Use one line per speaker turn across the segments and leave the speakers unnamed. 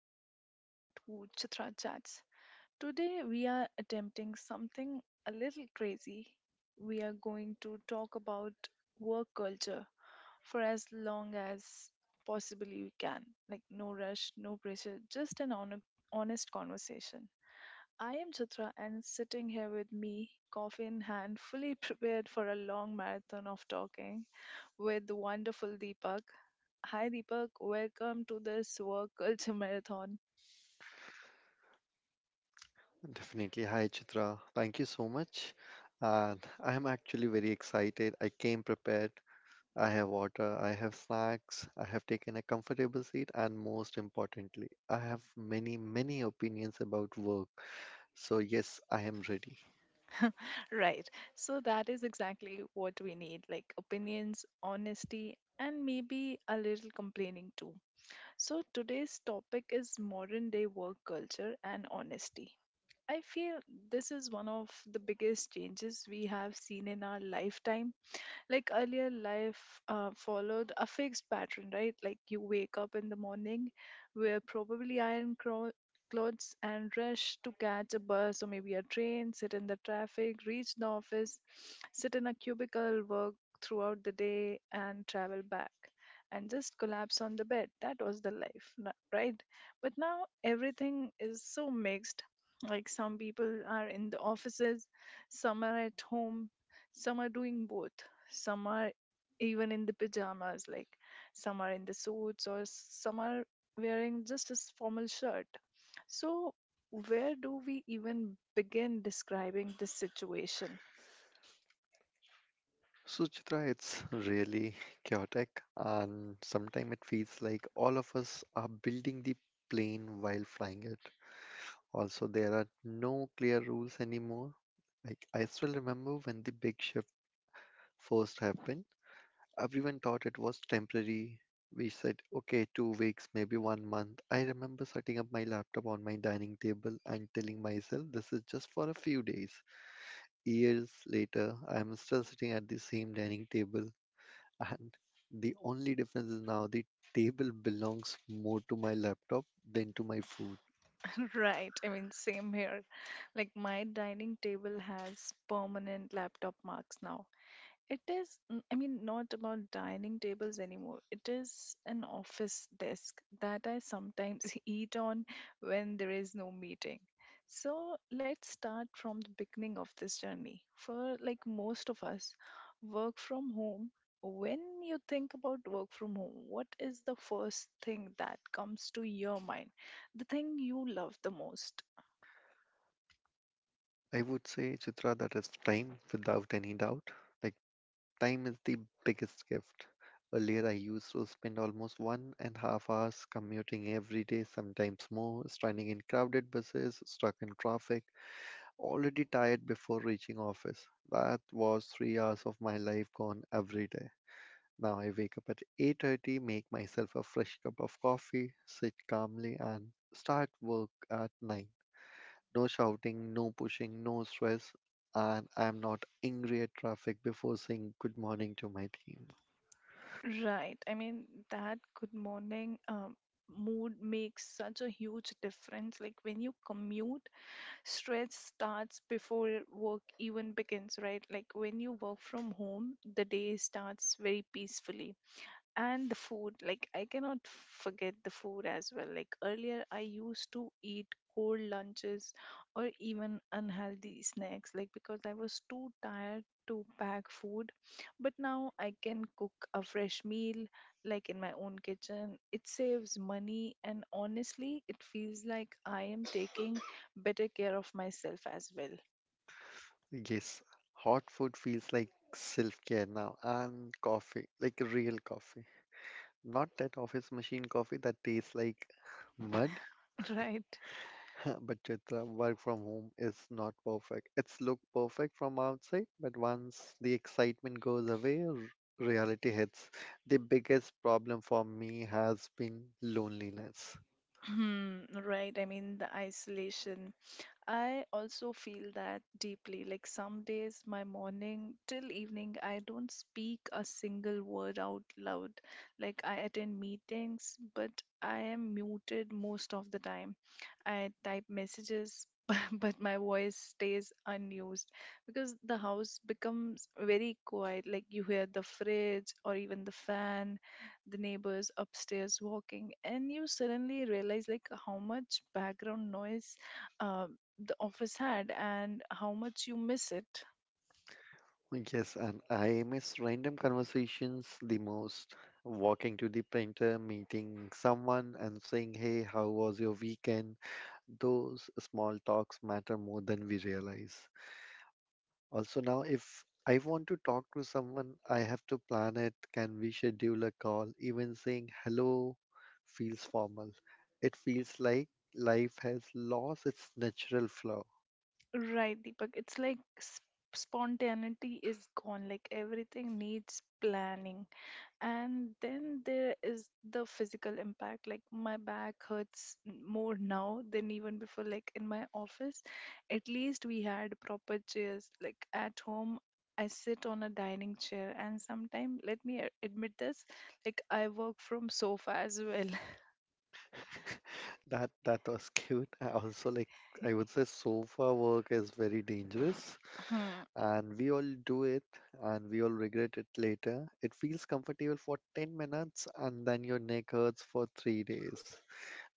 and welcome to Chitra Chats. Today, we are attempting something a little crazy. We are going to talk about work culture for as long as possibly we can. Like, no rush, no pressure, just an honest conversation. I am Chitra, and sitting here with me, coffee in hand, fully prepared for a long marathon of talking with the wonderful Deepak. Hi, Deepak. Welcome to this work culture marathon.
Definitely. Hi, Chitra. Thank you so much. And I'm actually very excited. I came prepared. I have water, I have snacks, I have taken a comfortable seat, and most importantly, I have many, many opinions about work. So, yes, I am ready.
Right. So, that is exactly what we need like opinions, honesty, and maybe a little complaining too. So, today's topic is modern day work culture and honesty. I feel this is one of the biggest changes we have seen in our lifetime, like earlier life followed a fixed pattern, right? Like you wake up in the morning, wear probably clothes and rush to catch a bus or maybe a train, sit in the traffic, reach the office, sit in a cubicle, work throughout the day and travel back and just collapse on the bed. That was the life, right? But now everything is so mixed. Like some people are in the offices, some are at home, some are doing both, some are even in the pajamas, like some are in the suits or some are wearing just a formal shirt. So where do we even begin describing this situation?
So, Chitra, it's really chaotic, and sometimes it feels like all of us are building the plane while flying it. Also, there are no clear rules anymore. Like I still remember when the big shift first happened, everyone thought it was temporary. We said, okay, 2 weeks, maybe one month. I remember setting up my laptop on my dining table and telling myself this is just for a few days. Years later, I am still sitting at the same dining table, and the only difference is now the table belongs more to my laptop than to my food.
Right, I mean, same here. Like my dining table has permanent laptop marks now. It is, I mean, not about dining tables anymore. It is an office desk that I sometimes eat on when there is no meeting. So let's start from the beginning of this journey. For like most of us, work from home. When you think about work from home, what is the first thing that comes to your mind? The thing you love the most?
I would say, Chitra, that is time without any doubt. Like, time is the biggest gift. Earlier, I used to spend almost 1.5 hours commuting every day, sometimes more, standing in crowded buses, stuck in traffic, already tired before reaching office. That was 3 hours of my life gone every day. Now I wake up at 8:30, make myself a fresh cup of coffee, sit calmly, and start work at 9. No shouting, no pushing, no stress, and I'm not angry at traffic before saying good morning to my team.
Right. I mean, that good morning mood makes such a huge difference. Like when you commute, stress starts before work even begins, right? Like when you work from home, the day starts very peacefully. And the food, like I cannot forget the food as well. Like earlier I used to eat cold lunches or even unhealthy snacks, like because I was too tired to pack food. But now I can cook a fresh meal like in my own kitchen. It saves money and honestly it feels like I am taking better care of myself as well.
Yes, hot food feels like self-care now, and coffee, like real coffee. Not that office machine coffee that tastes like mud,
Right.
but Chitra, work from home is not perfect. It's look perfect from outside, but once the excitement goes away, reality hits. The biggest problem for me has been loneliness.
Hmm, right. I mean, the isolation, I also feel that deeply. Like some days, my morning till evening, I don't speak a single word out loud. Like I attend meetings, but I am muted most of the time. I type messages, but my voice stays unused because the house becomes very quiet. Like you hear the fridge or even the fan, the neighbors upstairs walking, and you suddenly realize like how much background noise uh, the office had and how much you miss it.
Yes, and I miss random conversations the most. Walking to the printer, meeting someone, and saying, "Hey, how was your weekend?" Those small talks matter more than we realize. Also, now if I want to talk to someone, I have to plan it. Can we schedule a call? Even saying hello feels formal. It feels like life has lost its natural flow.
Right, Deepak. It's like spontaneity is gone. Like everything needs planning. And then there is the physical impact. Like my back hurts more now than even before. Like in my office, at least we had proper chairs. Like at home, I sit on a dining chair. And sometimes, let me admit this, like I work from sofa as well.
That was cute. I also like, I would say sofa work is very dangerous and we all do it and we all regret it later. It feels comfortable for 10 minutes and then your neck hurts for 3 days.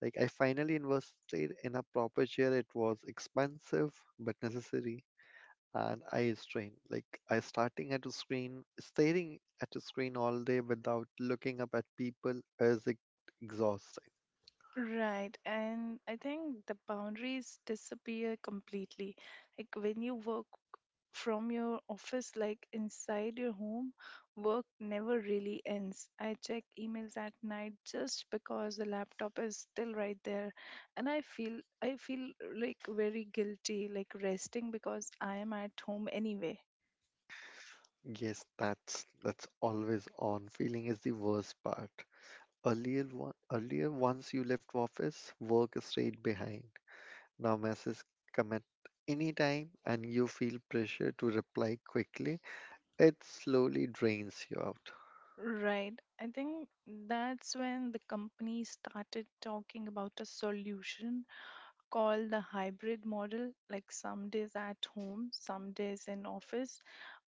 Like, I finally invested in a proper chair. It was expensive but necessary. And eye strain. Like I starting at a screen staring at a screen all day without looking up at people is exhausting.
Right, and I think the boundaries disappear completely. Like when you work from your office, like inside your home, work never really ends. I check emails at night just because the laptop is still right there, and I feel like very guilty, like resting because I am at home anyway.
Yes, that's always on. Feeling is the worst part. Earlier one, earlier once you left office, work is straight behind. Now messages come at any time and you feel pressure to reply quickly. It slowly drains you out.
Right. I think that's when the company started talking about a solution called the hybrid model, like some days at home, some days in office.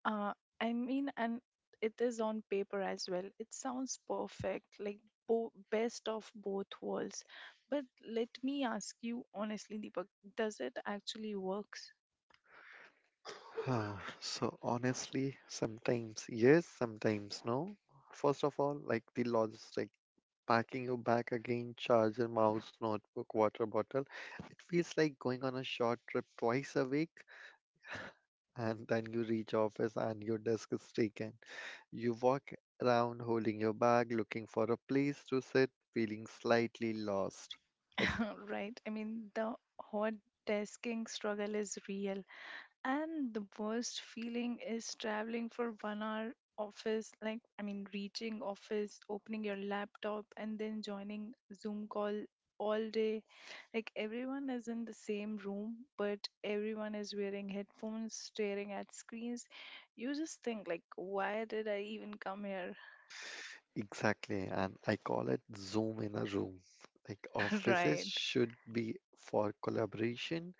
uh, I mean, and it is on paper as well, it sounds perfect, like best of both worlds. But let me ask you honestly, Deepak, does it actually works?
Huh, So honestly, sometimes yes, sometimes no. First of all, like the logistic, packing your bag again, charger, mouse, notebook, water bottle. It feels like going on a short trip twice a week, and then you reach office and your desk is taken. You walk around holding your bag, looking for a place to sit, feeling slightly lost. Like,
Right, I mean, the hot desking struggle is real. And the worst feeling is traveling for 1 hour office, like, I mean, reaching office, opening your laptop, and then joining Zoom call all day. Like, everyone is in the same room, but everyone is wearing headphones, staring at screens. You just think, like, why did I even come here?
exactly, and I call it Zoom in a room. Like offices
Right.
should be for collaboration,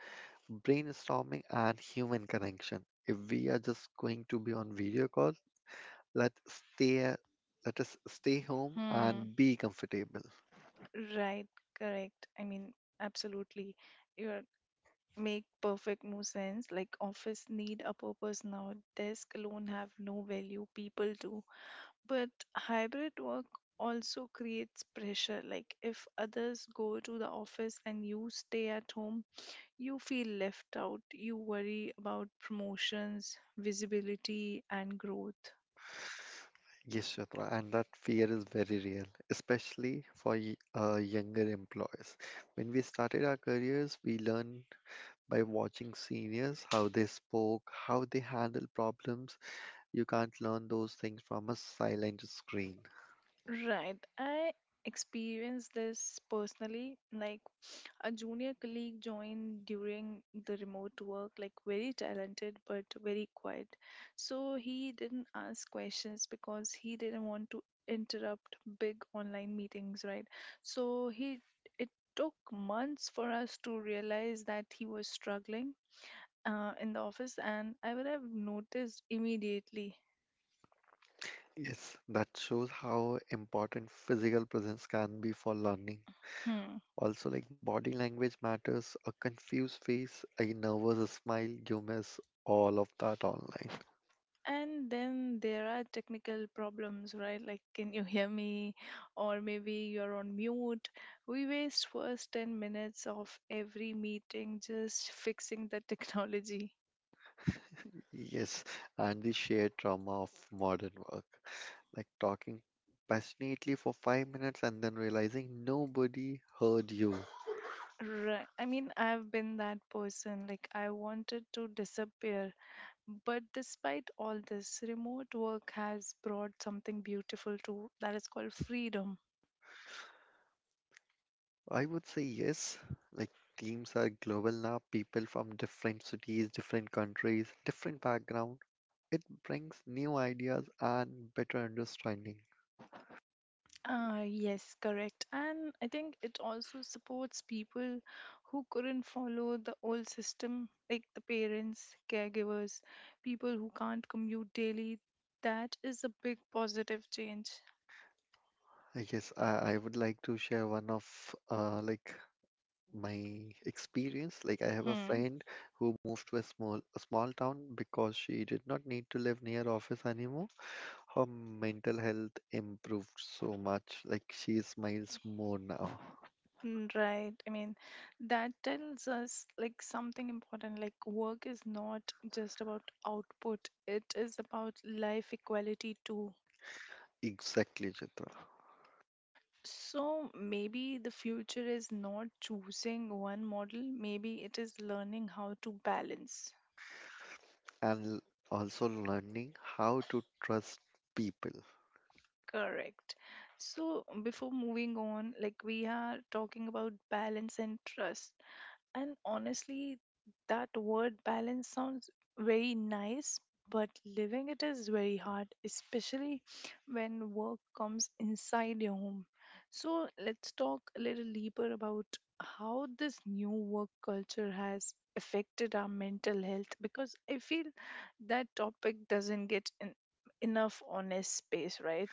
brainstorming, and human connection. If we are just going to be on video call, let stay let us stay home
Hmm.
and be comfortable.
Right, correct. I mean, absolutely. You're make perfect no sense. Like office need a purpose now. Desk alone have no value. People do. But hybrid work also creates pressure. Like if others go to the office and you stay at home, you feel left out. You worry about promotions, visibility and growth.
Yes, Shatra, and that fear is very real, especially for younger employees. When we started our careers, we learned by watching seniors how they spoke, how they handled problems. You can't learn those things from a silent screen.
Right. I experienced this personally. Like a junior colleague joined during the remote work, like very talented but very quiet. So he didn't ask questions because he didn't want to interrupt big online meetings, right? So he, it took months for us to realize that he was struggling in the office, and I would have noticed immediately.
Yes, that shows how important physical presence can be for learning.
Hmm.
Also, like body language matters, a confused face, a nervous smile, you miss all of that online.
And then there are technical problems, right? Like, can you hear me? Or maybe you're on mute. We waste first 10 minutes of every meeting just fixing the technology.
Yes, and the shared trauma of modern work, like talking passionately for 5 minutes and then realizing nobody heard you.
Right. I mean, I've been that person. Like, I wanted to disappear. But despite all this, remote work has brought something beautiful too. That is called freedom.
I would say yes. Like, teams are global now, people from different cities, different countries, different background. It brings new ideas and better understanding.
Yes, correct. And I think it also supports people who couldn't follow the old system, like the parents, caregivers, people who can't commute daily. That is a big positive change.
I guess I would like to share one of my experience. Like I have a
Hmm.
friend who moved to a small town because she did not need to live near office anymore. Her mental health improved so much. Like she smiles more now.
Mm, right. I mean, that tells us like something important. Like work is not just about output, it is about life equality too.
Exactly, Chitra.
So maybe the future is not choosing one model, maybe it is learning how to balance.
and l- Also learning how to trust people.
Correct. So before moving on, like we are talking about balance and trust. And honestly, that word balance sounds very nice, but living it is very hard, especially when work comes inside your home. So let's talk a little deeper about how this new work culture has affected our mental health, because I feel that topic doesn't get enough honest space, right?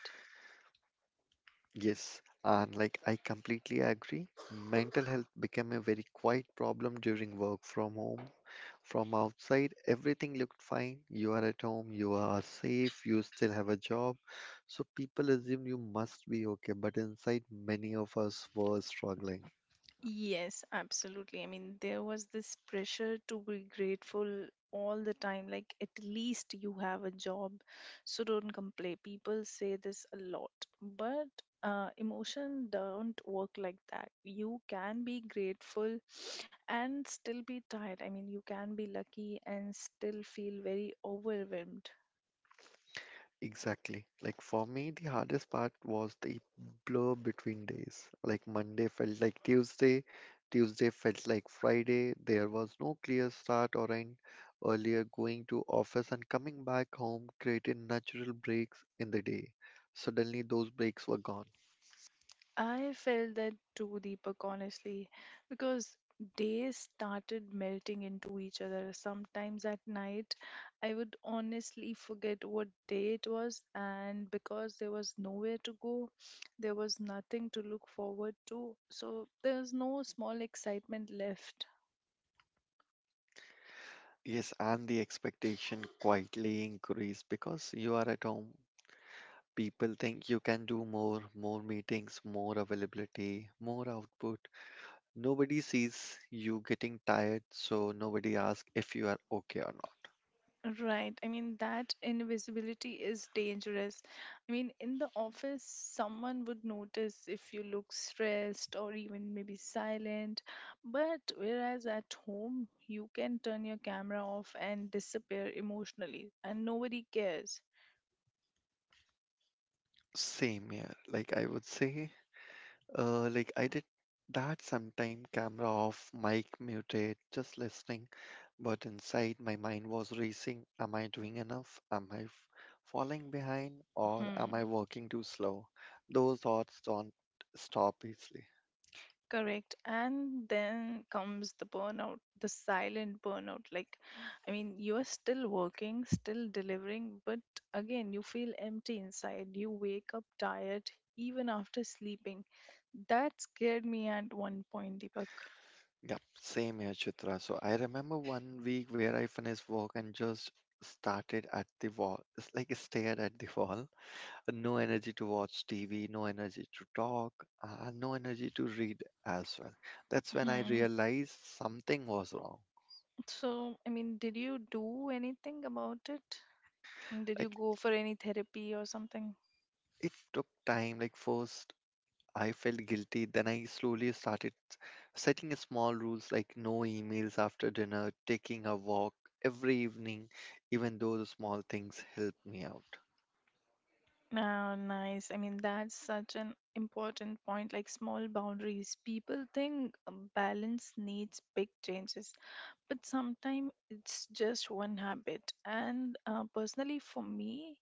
Yes, and like I completely agree, mental health became a very quiet problem during work from home. From outside, everything looked fine. You are at home, you are safe, you still have a job. So people assume you must be okay, but inside, many of us were struggling.
Yes, absolutely. I mean, there was this pressure to be grateful all the time, like at least you have a job, so don't complain. People say this a lot, but emotion don't work like that. You can be grateful and still be tired. I mean, you can be lucky and still feel very overwhelmed.
Exactly. Like for me, the hardest part was the blur between days. Like Monday felt like Tuesday, Tuesday felt like Friday. There was no clear start or end. Earlier, going to office and coming back home created natural breaks in the day. Suddenly, those breaks were gone.
I felt that too, Deepak, honestly, because days started melting into each other. Sometimes at night, I would honestly forget what day it was, and because there was nowhere to go, there was nothing to look forward to, so there was no small excitement left.
Yes, and the expectation quietly increased because you are at home. People think you can do more, more meetings, more availability, more output. Nobody sees you getting tired, so nobody asks if you are okay or not.
Right. I mean, that invisibility is dangerous. I mean, in the office, someone would notice if you look stressed or even maybe silent. But whereas at home, you can turn your camera off and disappear emotionally, and nobody cares.
Same here. Like I would say, I did that sometime, camera off, mic muted, just listening. But inside, my mind was racing. Am I doing enough? Am falling behind, or am I working too slow? Those thoughts don't stop easily.
Correct. And then comes the burnout, the silent burnout. Like, I mean, you're still working, still delivering, but again, you feel empty inside. You wake up tired even after sleeping. That scared me at one point, Deepak.
Yep, same here, Chitra. So I remember one week where I finished work and just started at the wall. It's like stared at the wall. No energy to watch TV, no energy to talk, no energy to read as well. That's when I
Hmm.
realized something was wrong.
So, I mean, did you do anything about it? Mm, did you
Like,
go for any therapy or something?
it took time. Like first I felt guilty, then I slowly started setting small rules like no emails after dinner, taking a walk every evening, even though the small things helped me out.
Oh, nice. I mean, that's such an important point. Like small boundaries, people think balance needs big changes, but sometimes it's just one habit. And personally, for me,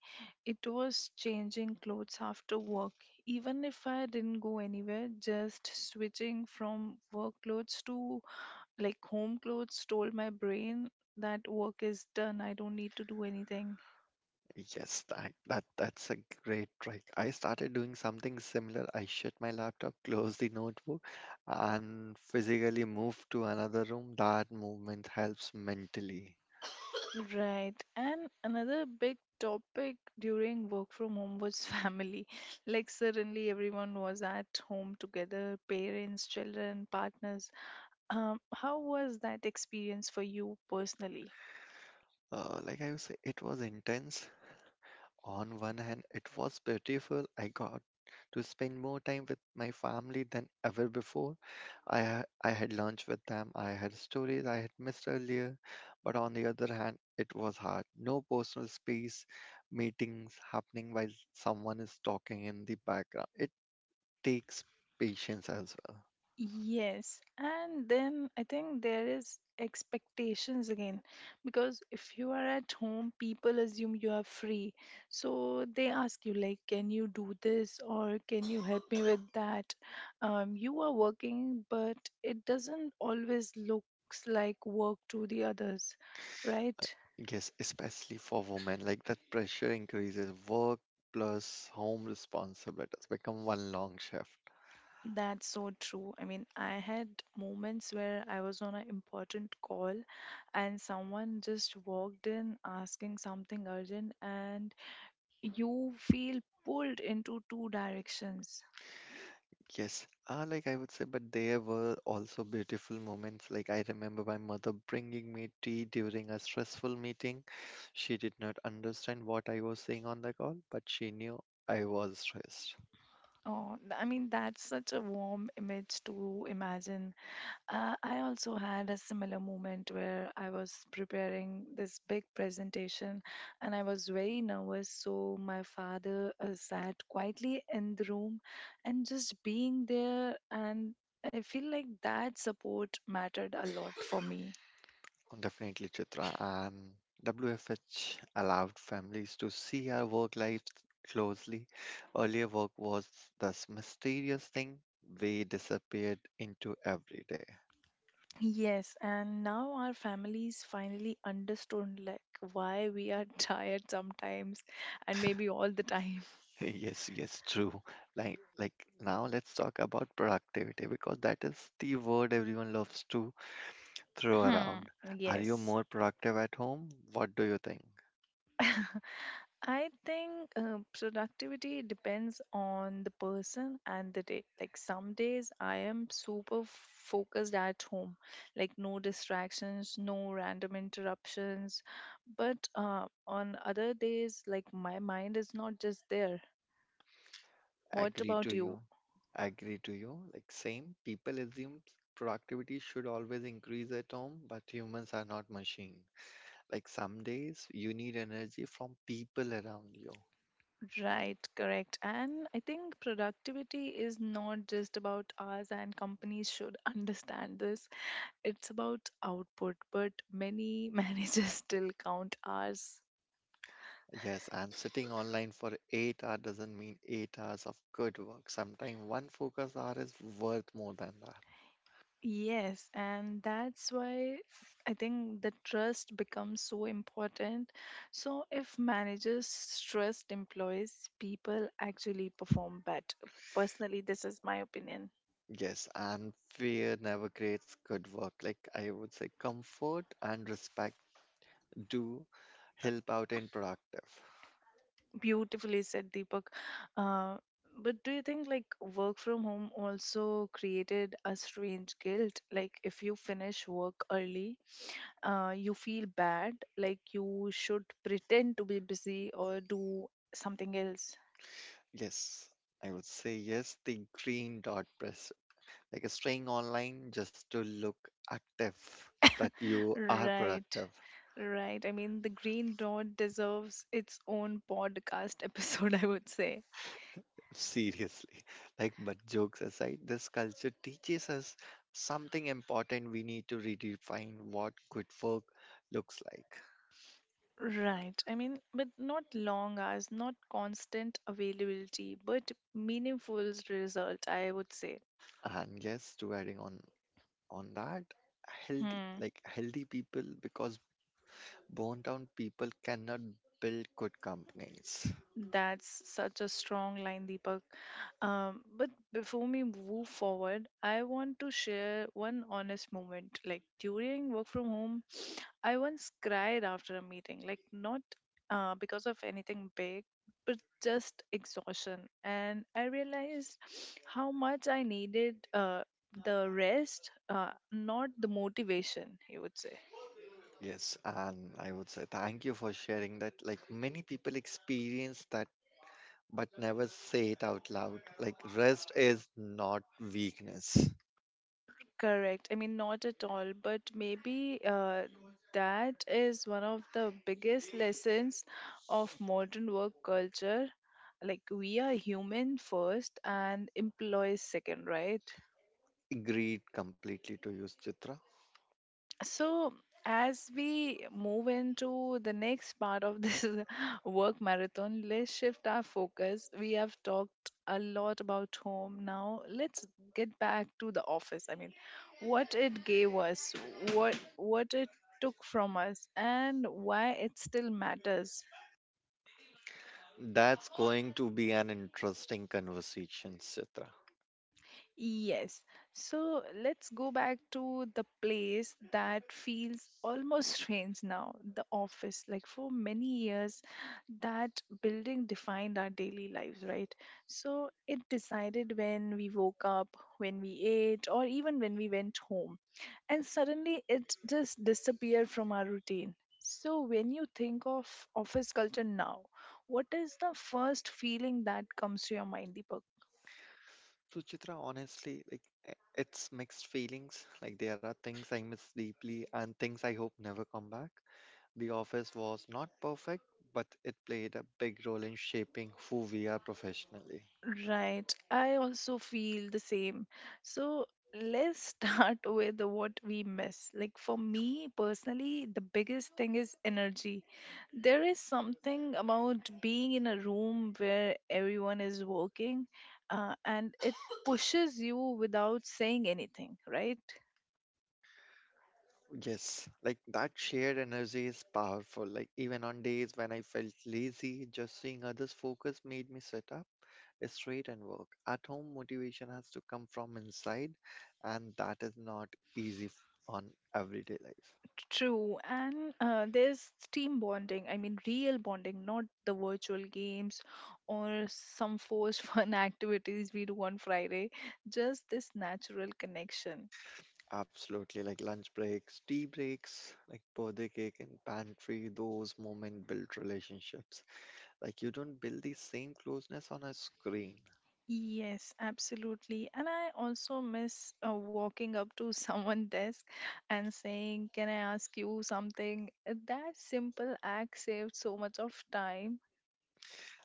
it was changing clothes after work. Even if I didn't go anywhere, just switching from work clothes to like home clothes told my brain that work is done. I don't need to do anything.
Yes, that's a great trick. I started doing something similar. I shut my laptop, close the notebook, and physically move to another room. That movement helps mentally.
Right. And another big topic during work from home was family. Like, suddenly everyone was at home together, parents, children, partners. How was that experience for you personally?
It was intense. On one hand, it was beautiful. I got to spend more time with my family than ever before. I had lunch with them. I had stories I had missed earlier. But on the other hand, it was hard. No personal space, meetings happening while someone is talking in the background. It takes patience as well.
Yes, and then I think there is expectations again, because if you are at home, people assume you are free. So they ask you like, can you do this or can you help me with that? You are working, but it doesn't always looks like work to the others, right?
Yes, especially for women, like that pressure increases. Work plus home responsibilities become one long shift.
That's so true. I mean, I had moments where I was on an important call and someone just walked in asking something urgent, and you feel pulled into two directions.
Yes, but there were also beautiful moments. Like I remember my mother bringing me tea during a stressful meeting. She did not understand what I was saying on the call, but she knew I was stressed.
Oh, I mean, that's such a warm image to imagine. I also had a similar moment where I was preparing this big presentation and I was very nervous. So my father sat quietly in the room and just being there. And I feel like that support mattered a lot for me.
Oh, definitely, Chitra. And WFH allowed families to see our work life closely. Earlier, work was this mysterious thing. We disappeared into everyday.
Yes, and now our families finally understood like why we are tired sometimes and maybe all the time.
Yes, yes, true. Like like Now let's talk about productivity because that is the word everyone loves to throw around. Are you
Yes.
more productive at home? What do you think?
I think productivity depends on the person and the day. Like some days I am super focused at home, like no distractions, no random interruptions. But on other days, like my mind is not just there. What
Agree to
about
you.
you?
Agree to you. Like same, people assume productivity should always increase at home, but humans are not machine. Like some days you need energy from people around you.
Right, correct. And I think productivity is not just about us, and companies should understand this. It's about output, but many managers still count hours.
Yes, and sitting online for 8 hours doesn't mean 8 hours of good work. Sometimes one focus hour is worth more than that.
Yes, and that's why I think the trust becomes so important. So, if managers trust employees, people actually perform better. Personally, this is my opinion.
Yes, and fear never creates good work. Like I would say, comfort and respect do help out in productive.
Beautifully said, Deepak. Uh, but do you think like work from home also created a strange guilt? Like if you finish work early, you feel bad, like you should pretend to be busy or do something else.
Yes, I would say yes, the green dot press. Like staying online just to look active, that you are
Right.
productive.
Right. I mean, the Green Dot deserves its own podcast episode, I would say.
Seriously, like, but jokes aside, this culture teaches us something important. We need to redefine what good work looks like.
Right. I mean, but not long hours, not constant availability, but meaningful result, I would say.
And yes, to adding on that,
Hmm.
healthy people, because born down people cannot build good companies.
That's such a strong line, Deepak. But before we move forward, I want to share one honest moment. Like during work from home, I once cried after a meeting, like not because of anything big, but just exhaustion. And I realized how much I needed the rest, not the motivation, you would say.
Yes, and I would say thank you for sharing that. Like many people experience that but never say it out loud. Like rest is not weakness.
Correct. I mean, not at all, but maybe that is one of the biggest lessons of modern work culture. Like, we are human first and employees second, right?
Agreed completely to you, Chitra.
So, as we move into the next part of this work marathon, let's shift our focus. We have talked a lot about home. Now, let's get back to the office. I mean, what it gave us, what it took from us, and why it still matters.
That's going to be an interesting conversation, Chitra.
Yes. So let's go back to the place that feels almost strange now, the office. Like for many years, that building defined our daily lives, right? So it decided when we woke up, when we ate, or even when we went home. And suddenly it just disappeared from our routine. So when you think of office culture now, what is the first feeling that comes to your mind, Deepak?
So, Chitra, honestly, like it's mixed feelings. Like there are things I miss deeply and things I hope never come back. The office was not perfect, but it played a big role in shaping who we are professionally.
Right. I also feel the same. So let's start with what we miss. Like for me personally, the biggest thing is energy. There is something about being in a room where everyone is working, and it pushes you without saying anything, right?
Yes, like that shared energy is powerful. Like even on days when I felt lazy, just seeing others focus made me sit up is straight and work. At home, motivation has to come from inside, and that is not easy on everyday life.
True, and there's team bonding. I mean, real bonding, not the virtual games or some forced fun activities we do on Friday. Just this natural connection.
Absolutely, like lunch breaks, tea breaks, like birthday cake and pantry, those moments build relationships. Like you don't build the same closeness on a screen.
Yes, absolutely. And I also miss walking up to someone's desk and saying, can I ask you something? That simple act saved so much of time.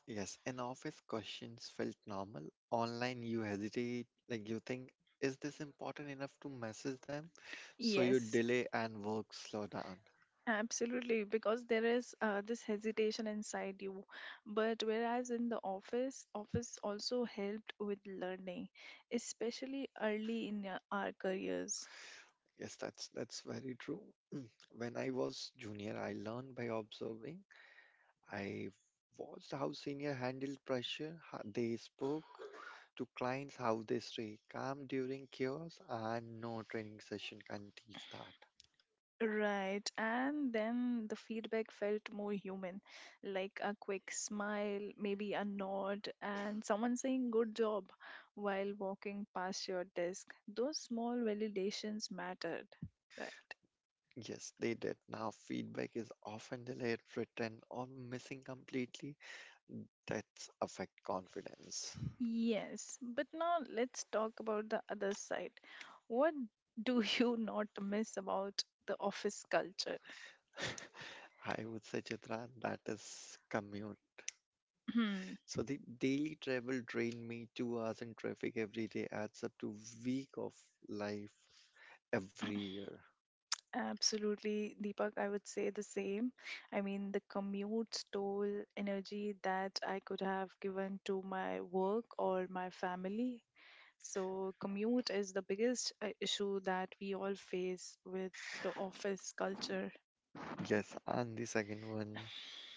Yes, in office questions felt normal. Online, you hesitate, like you think, is this important enough to message them? So you
Yes.
delay and work slow down.
Absolutely, because there is this hesitation inside you. But whereas in the office, office also helped with learning, especially early in our careers.
Yes, that's very true. When I was junior, I learned by observing. I watched how senior handled pressure, how they spoke to clients, how they stay calm during chaos, and no training session can teach that.
Right, and then the feedback felt more human, like a quick smile, maybe a nod, and someone saying good job while walking past your desk. Those small validations mattered, right?
Yes, they did. Now feedback is often delayed, written, or missing completely. That's affect confidence.
Yes, but now let's talk about the other side. What do you not miss about the office culture?
I would say, Chitra, that is commute.
Hmm.
So the daily travel drained me 2 hours in traffic every day adds up to week of life every year.
Absolutely, Deepak, I would say the same. I mean, the commute stole energy that I could have given to my work or my family. So, commute is the biggest issue that we all face with the office culture.
Yes, and the second one,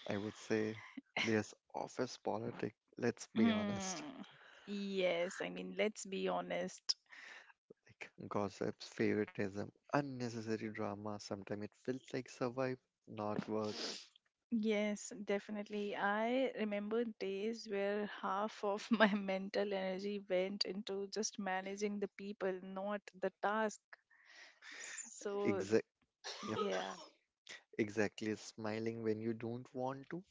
I would say there's office politics. Let's be honest.
Hmm. Yes, I mean, let's be honest.
Like gossips, favoritism, unnecessary drama. Sometimes it feels like survive, not work.
Yes, definitely. I remember days where half of my mental energy went into just managing the people, not the task. So,
Exact. Yep.
yeah.
Exactly. Smiling when you don't want to.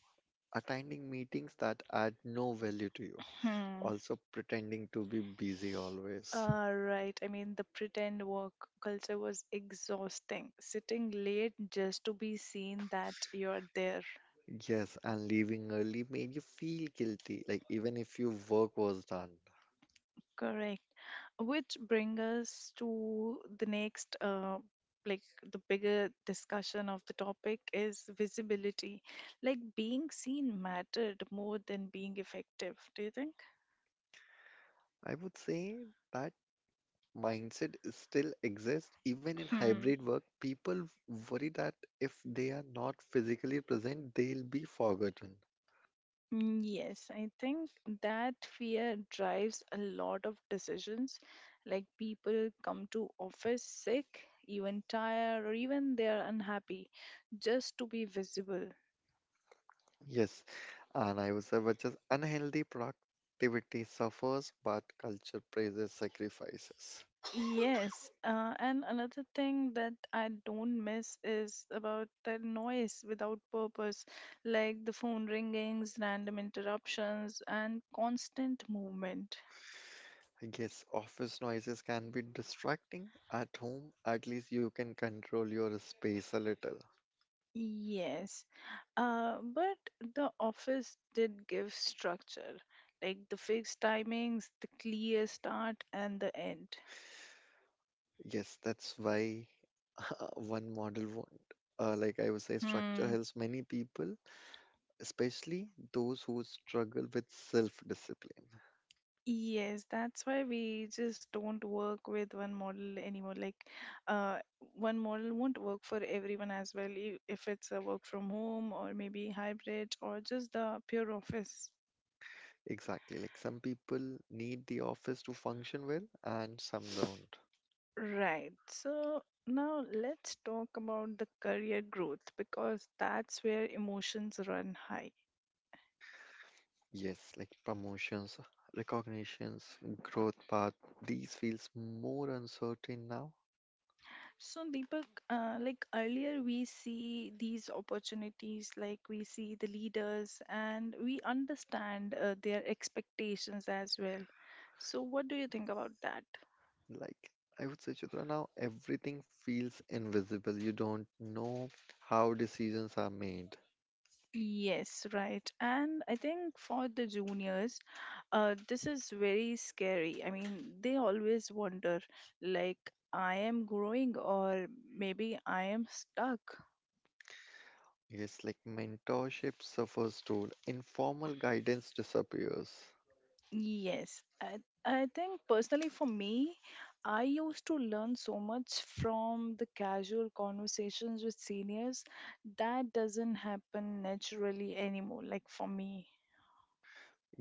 Attending meetings that add no value to you.
Hmm.
Also pretending to be busy always.
Right. I mean, the pretend work culture was exhausting. Sitting late just to be seen that you're there.
Yes, and leaving early made you feel guilty, like even if your work was done.
Correct. Which brings us to the next, like the bigger discussion of the topic is visibility. Like being seen mattered more than being effective, do you think?
I would say that mindset is still exists. Even in
Hmm.
hybrid work, people worry that if they are not physically present, they'll be forgotten.
Mm, yes, I think that fear drives a lot of decisions. Like people come to office sick, even tired, or even they are unhappy just to be visible.
Yes, and I would say which is unhealthy productivity suffers, but culture praises sacrifices.
Yes, and another thing that I don't miss is about the noise without purpose, like the phone ringings, random interruptions, and constant movement.
I guess office noises can be distracting. At home, at least you can control your space a little.
Yes, but the office did give structure, like the fixed timings, the clear start and the end.
Yes, that's why one model won't. Like I would say, structure
Hmm.
helps many people, especially those who struggle with self-discipline.
Yes, that's why we just don't work with one model anymore. Uh, One model won't work for everyone as well, if it's a work from home or maybe hybrid or just the pure office.
Exactly. Like some people need the office to function well, and some don't.
Right. So now let's talk about the career growth because that's where emotions run high.
Yes, like promotions, recognitions, growth path, these feels more uncertain now.
So, Deepak, like earlier, we see these opportunities, like we see the leaders and we understand their expectations as well. So, what do you think about that?
Like I would say, Chitra, now everything feels invisible. You don't know how decisions are made.
Yes, right. And I think for the juniors, this is very scary. I mean, they always wonder, like, I am growing, or maybe I am stuck.
Yes, like mentorship suffers too. Informal guidance disappears.
Yes, I think personally for me, I used to learn so much from the casual conversations with seniors that doesn't happen naturally anymore, like for me.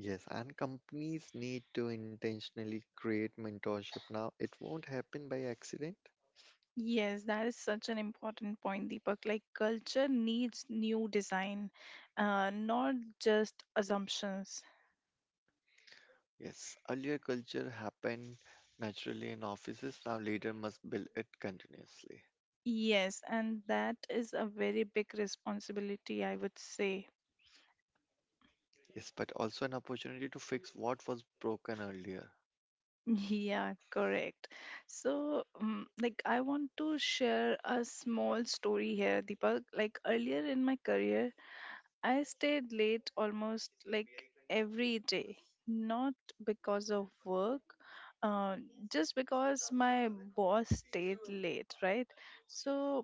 Yes, and companies need to intentionally create mentorship now. It won't happen by accident.
Yes, that is such an important point, Deepak. Like culture needs new design, not just assumptions.
Yes, earlier culture happened naturally in offices. Now leader must build it continuously.
Yes, and that is a very big responsibility, I would say.
Yes, but also an opportunity to fix what was broken earlier.
Yeah, correct. So, like, I want to share a small story here, Deepak. Like, earlier in my career, I stayed late almost like every day, not because of work, uh, just because my boss stayed late, right? So,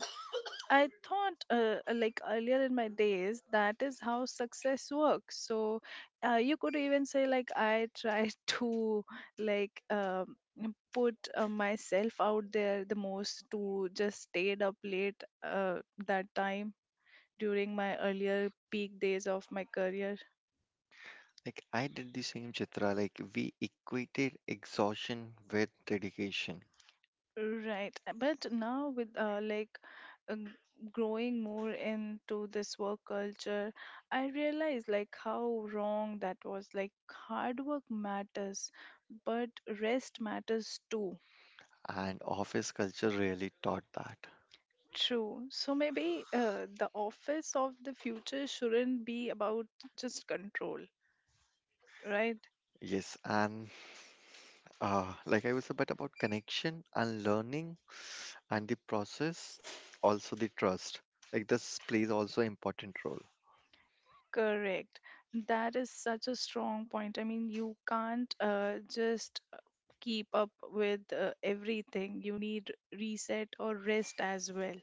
I thought, like earlier in my days, that is how success works. So, you could even say, like, I try to, like, um, put myself out there the most to just stayed up late that time during my earlier peak days of my career.
Like I did the same Chitra, like we equated exhaustion with dedication.
Right. But now with uh, g- growing more into this work culture, I realize like how wrong that was. Like hard work matters, but rest matters too.
And office culture really taught that.
True. So maybe the office of the future shouldn't be about just control, right?
Yes, and like I was about connection and learning and the process, also the trust. Like this plays also important role.
Correct. That is such a strong point. I mean, you can't just keep up with everything. You need reset or rest as well.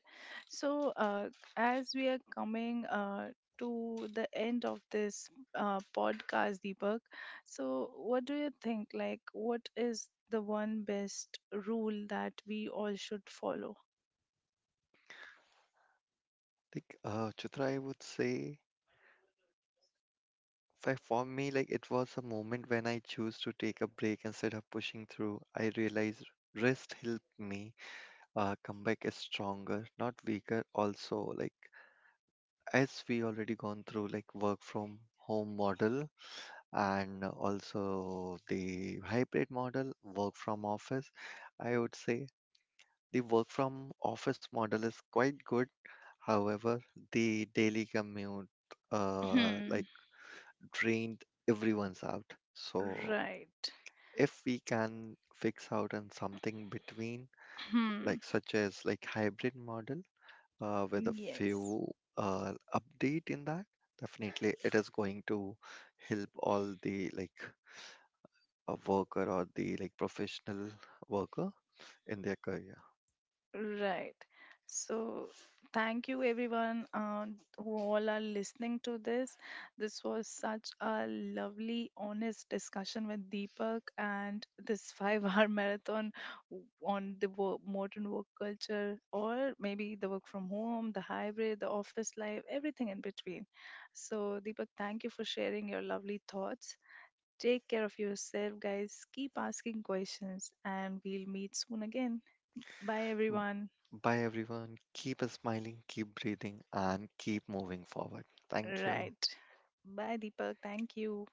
So, as we are coming to the end of this podcast, Deepak, so what do you think? Like, what is the one best rule that we all should follow?
Like Chitra, I would say, for me, like it was a moment when I chose to take a break instead of pushing through. I realized rest helped me come back as stronger, not weaker. Also, like as we already gone through like work from home model and also the hybrid model, work from office, I would say the work from office model is quite good. However, the daily commute uh,
Hmm.
like drained everyone's out. So
Right.
if we can fix out and something between
Hmm.
like such as like hybrid model with a
Yes.
few update in that, definitely it is going to help all the a worker or the like professional worker in their career.
Right. So, thank you everyone who all are listening to this. This was such a lovely, honest discussion with Deepak and this five-hour marathon on the modern work culture, or maybe the work from home, the hybrid, the office life, everything in between. So, Deepak, thank you for sharing your lovely thoughts. Take care of yourself, guys. Keep asking questions, and we'll meet soon again. Bye,
M-
everyone.
Bye everyone. Keep smiling, keep breathing, and keep moving forward. Thank you.
Right. Bye, Deepak. Thank you.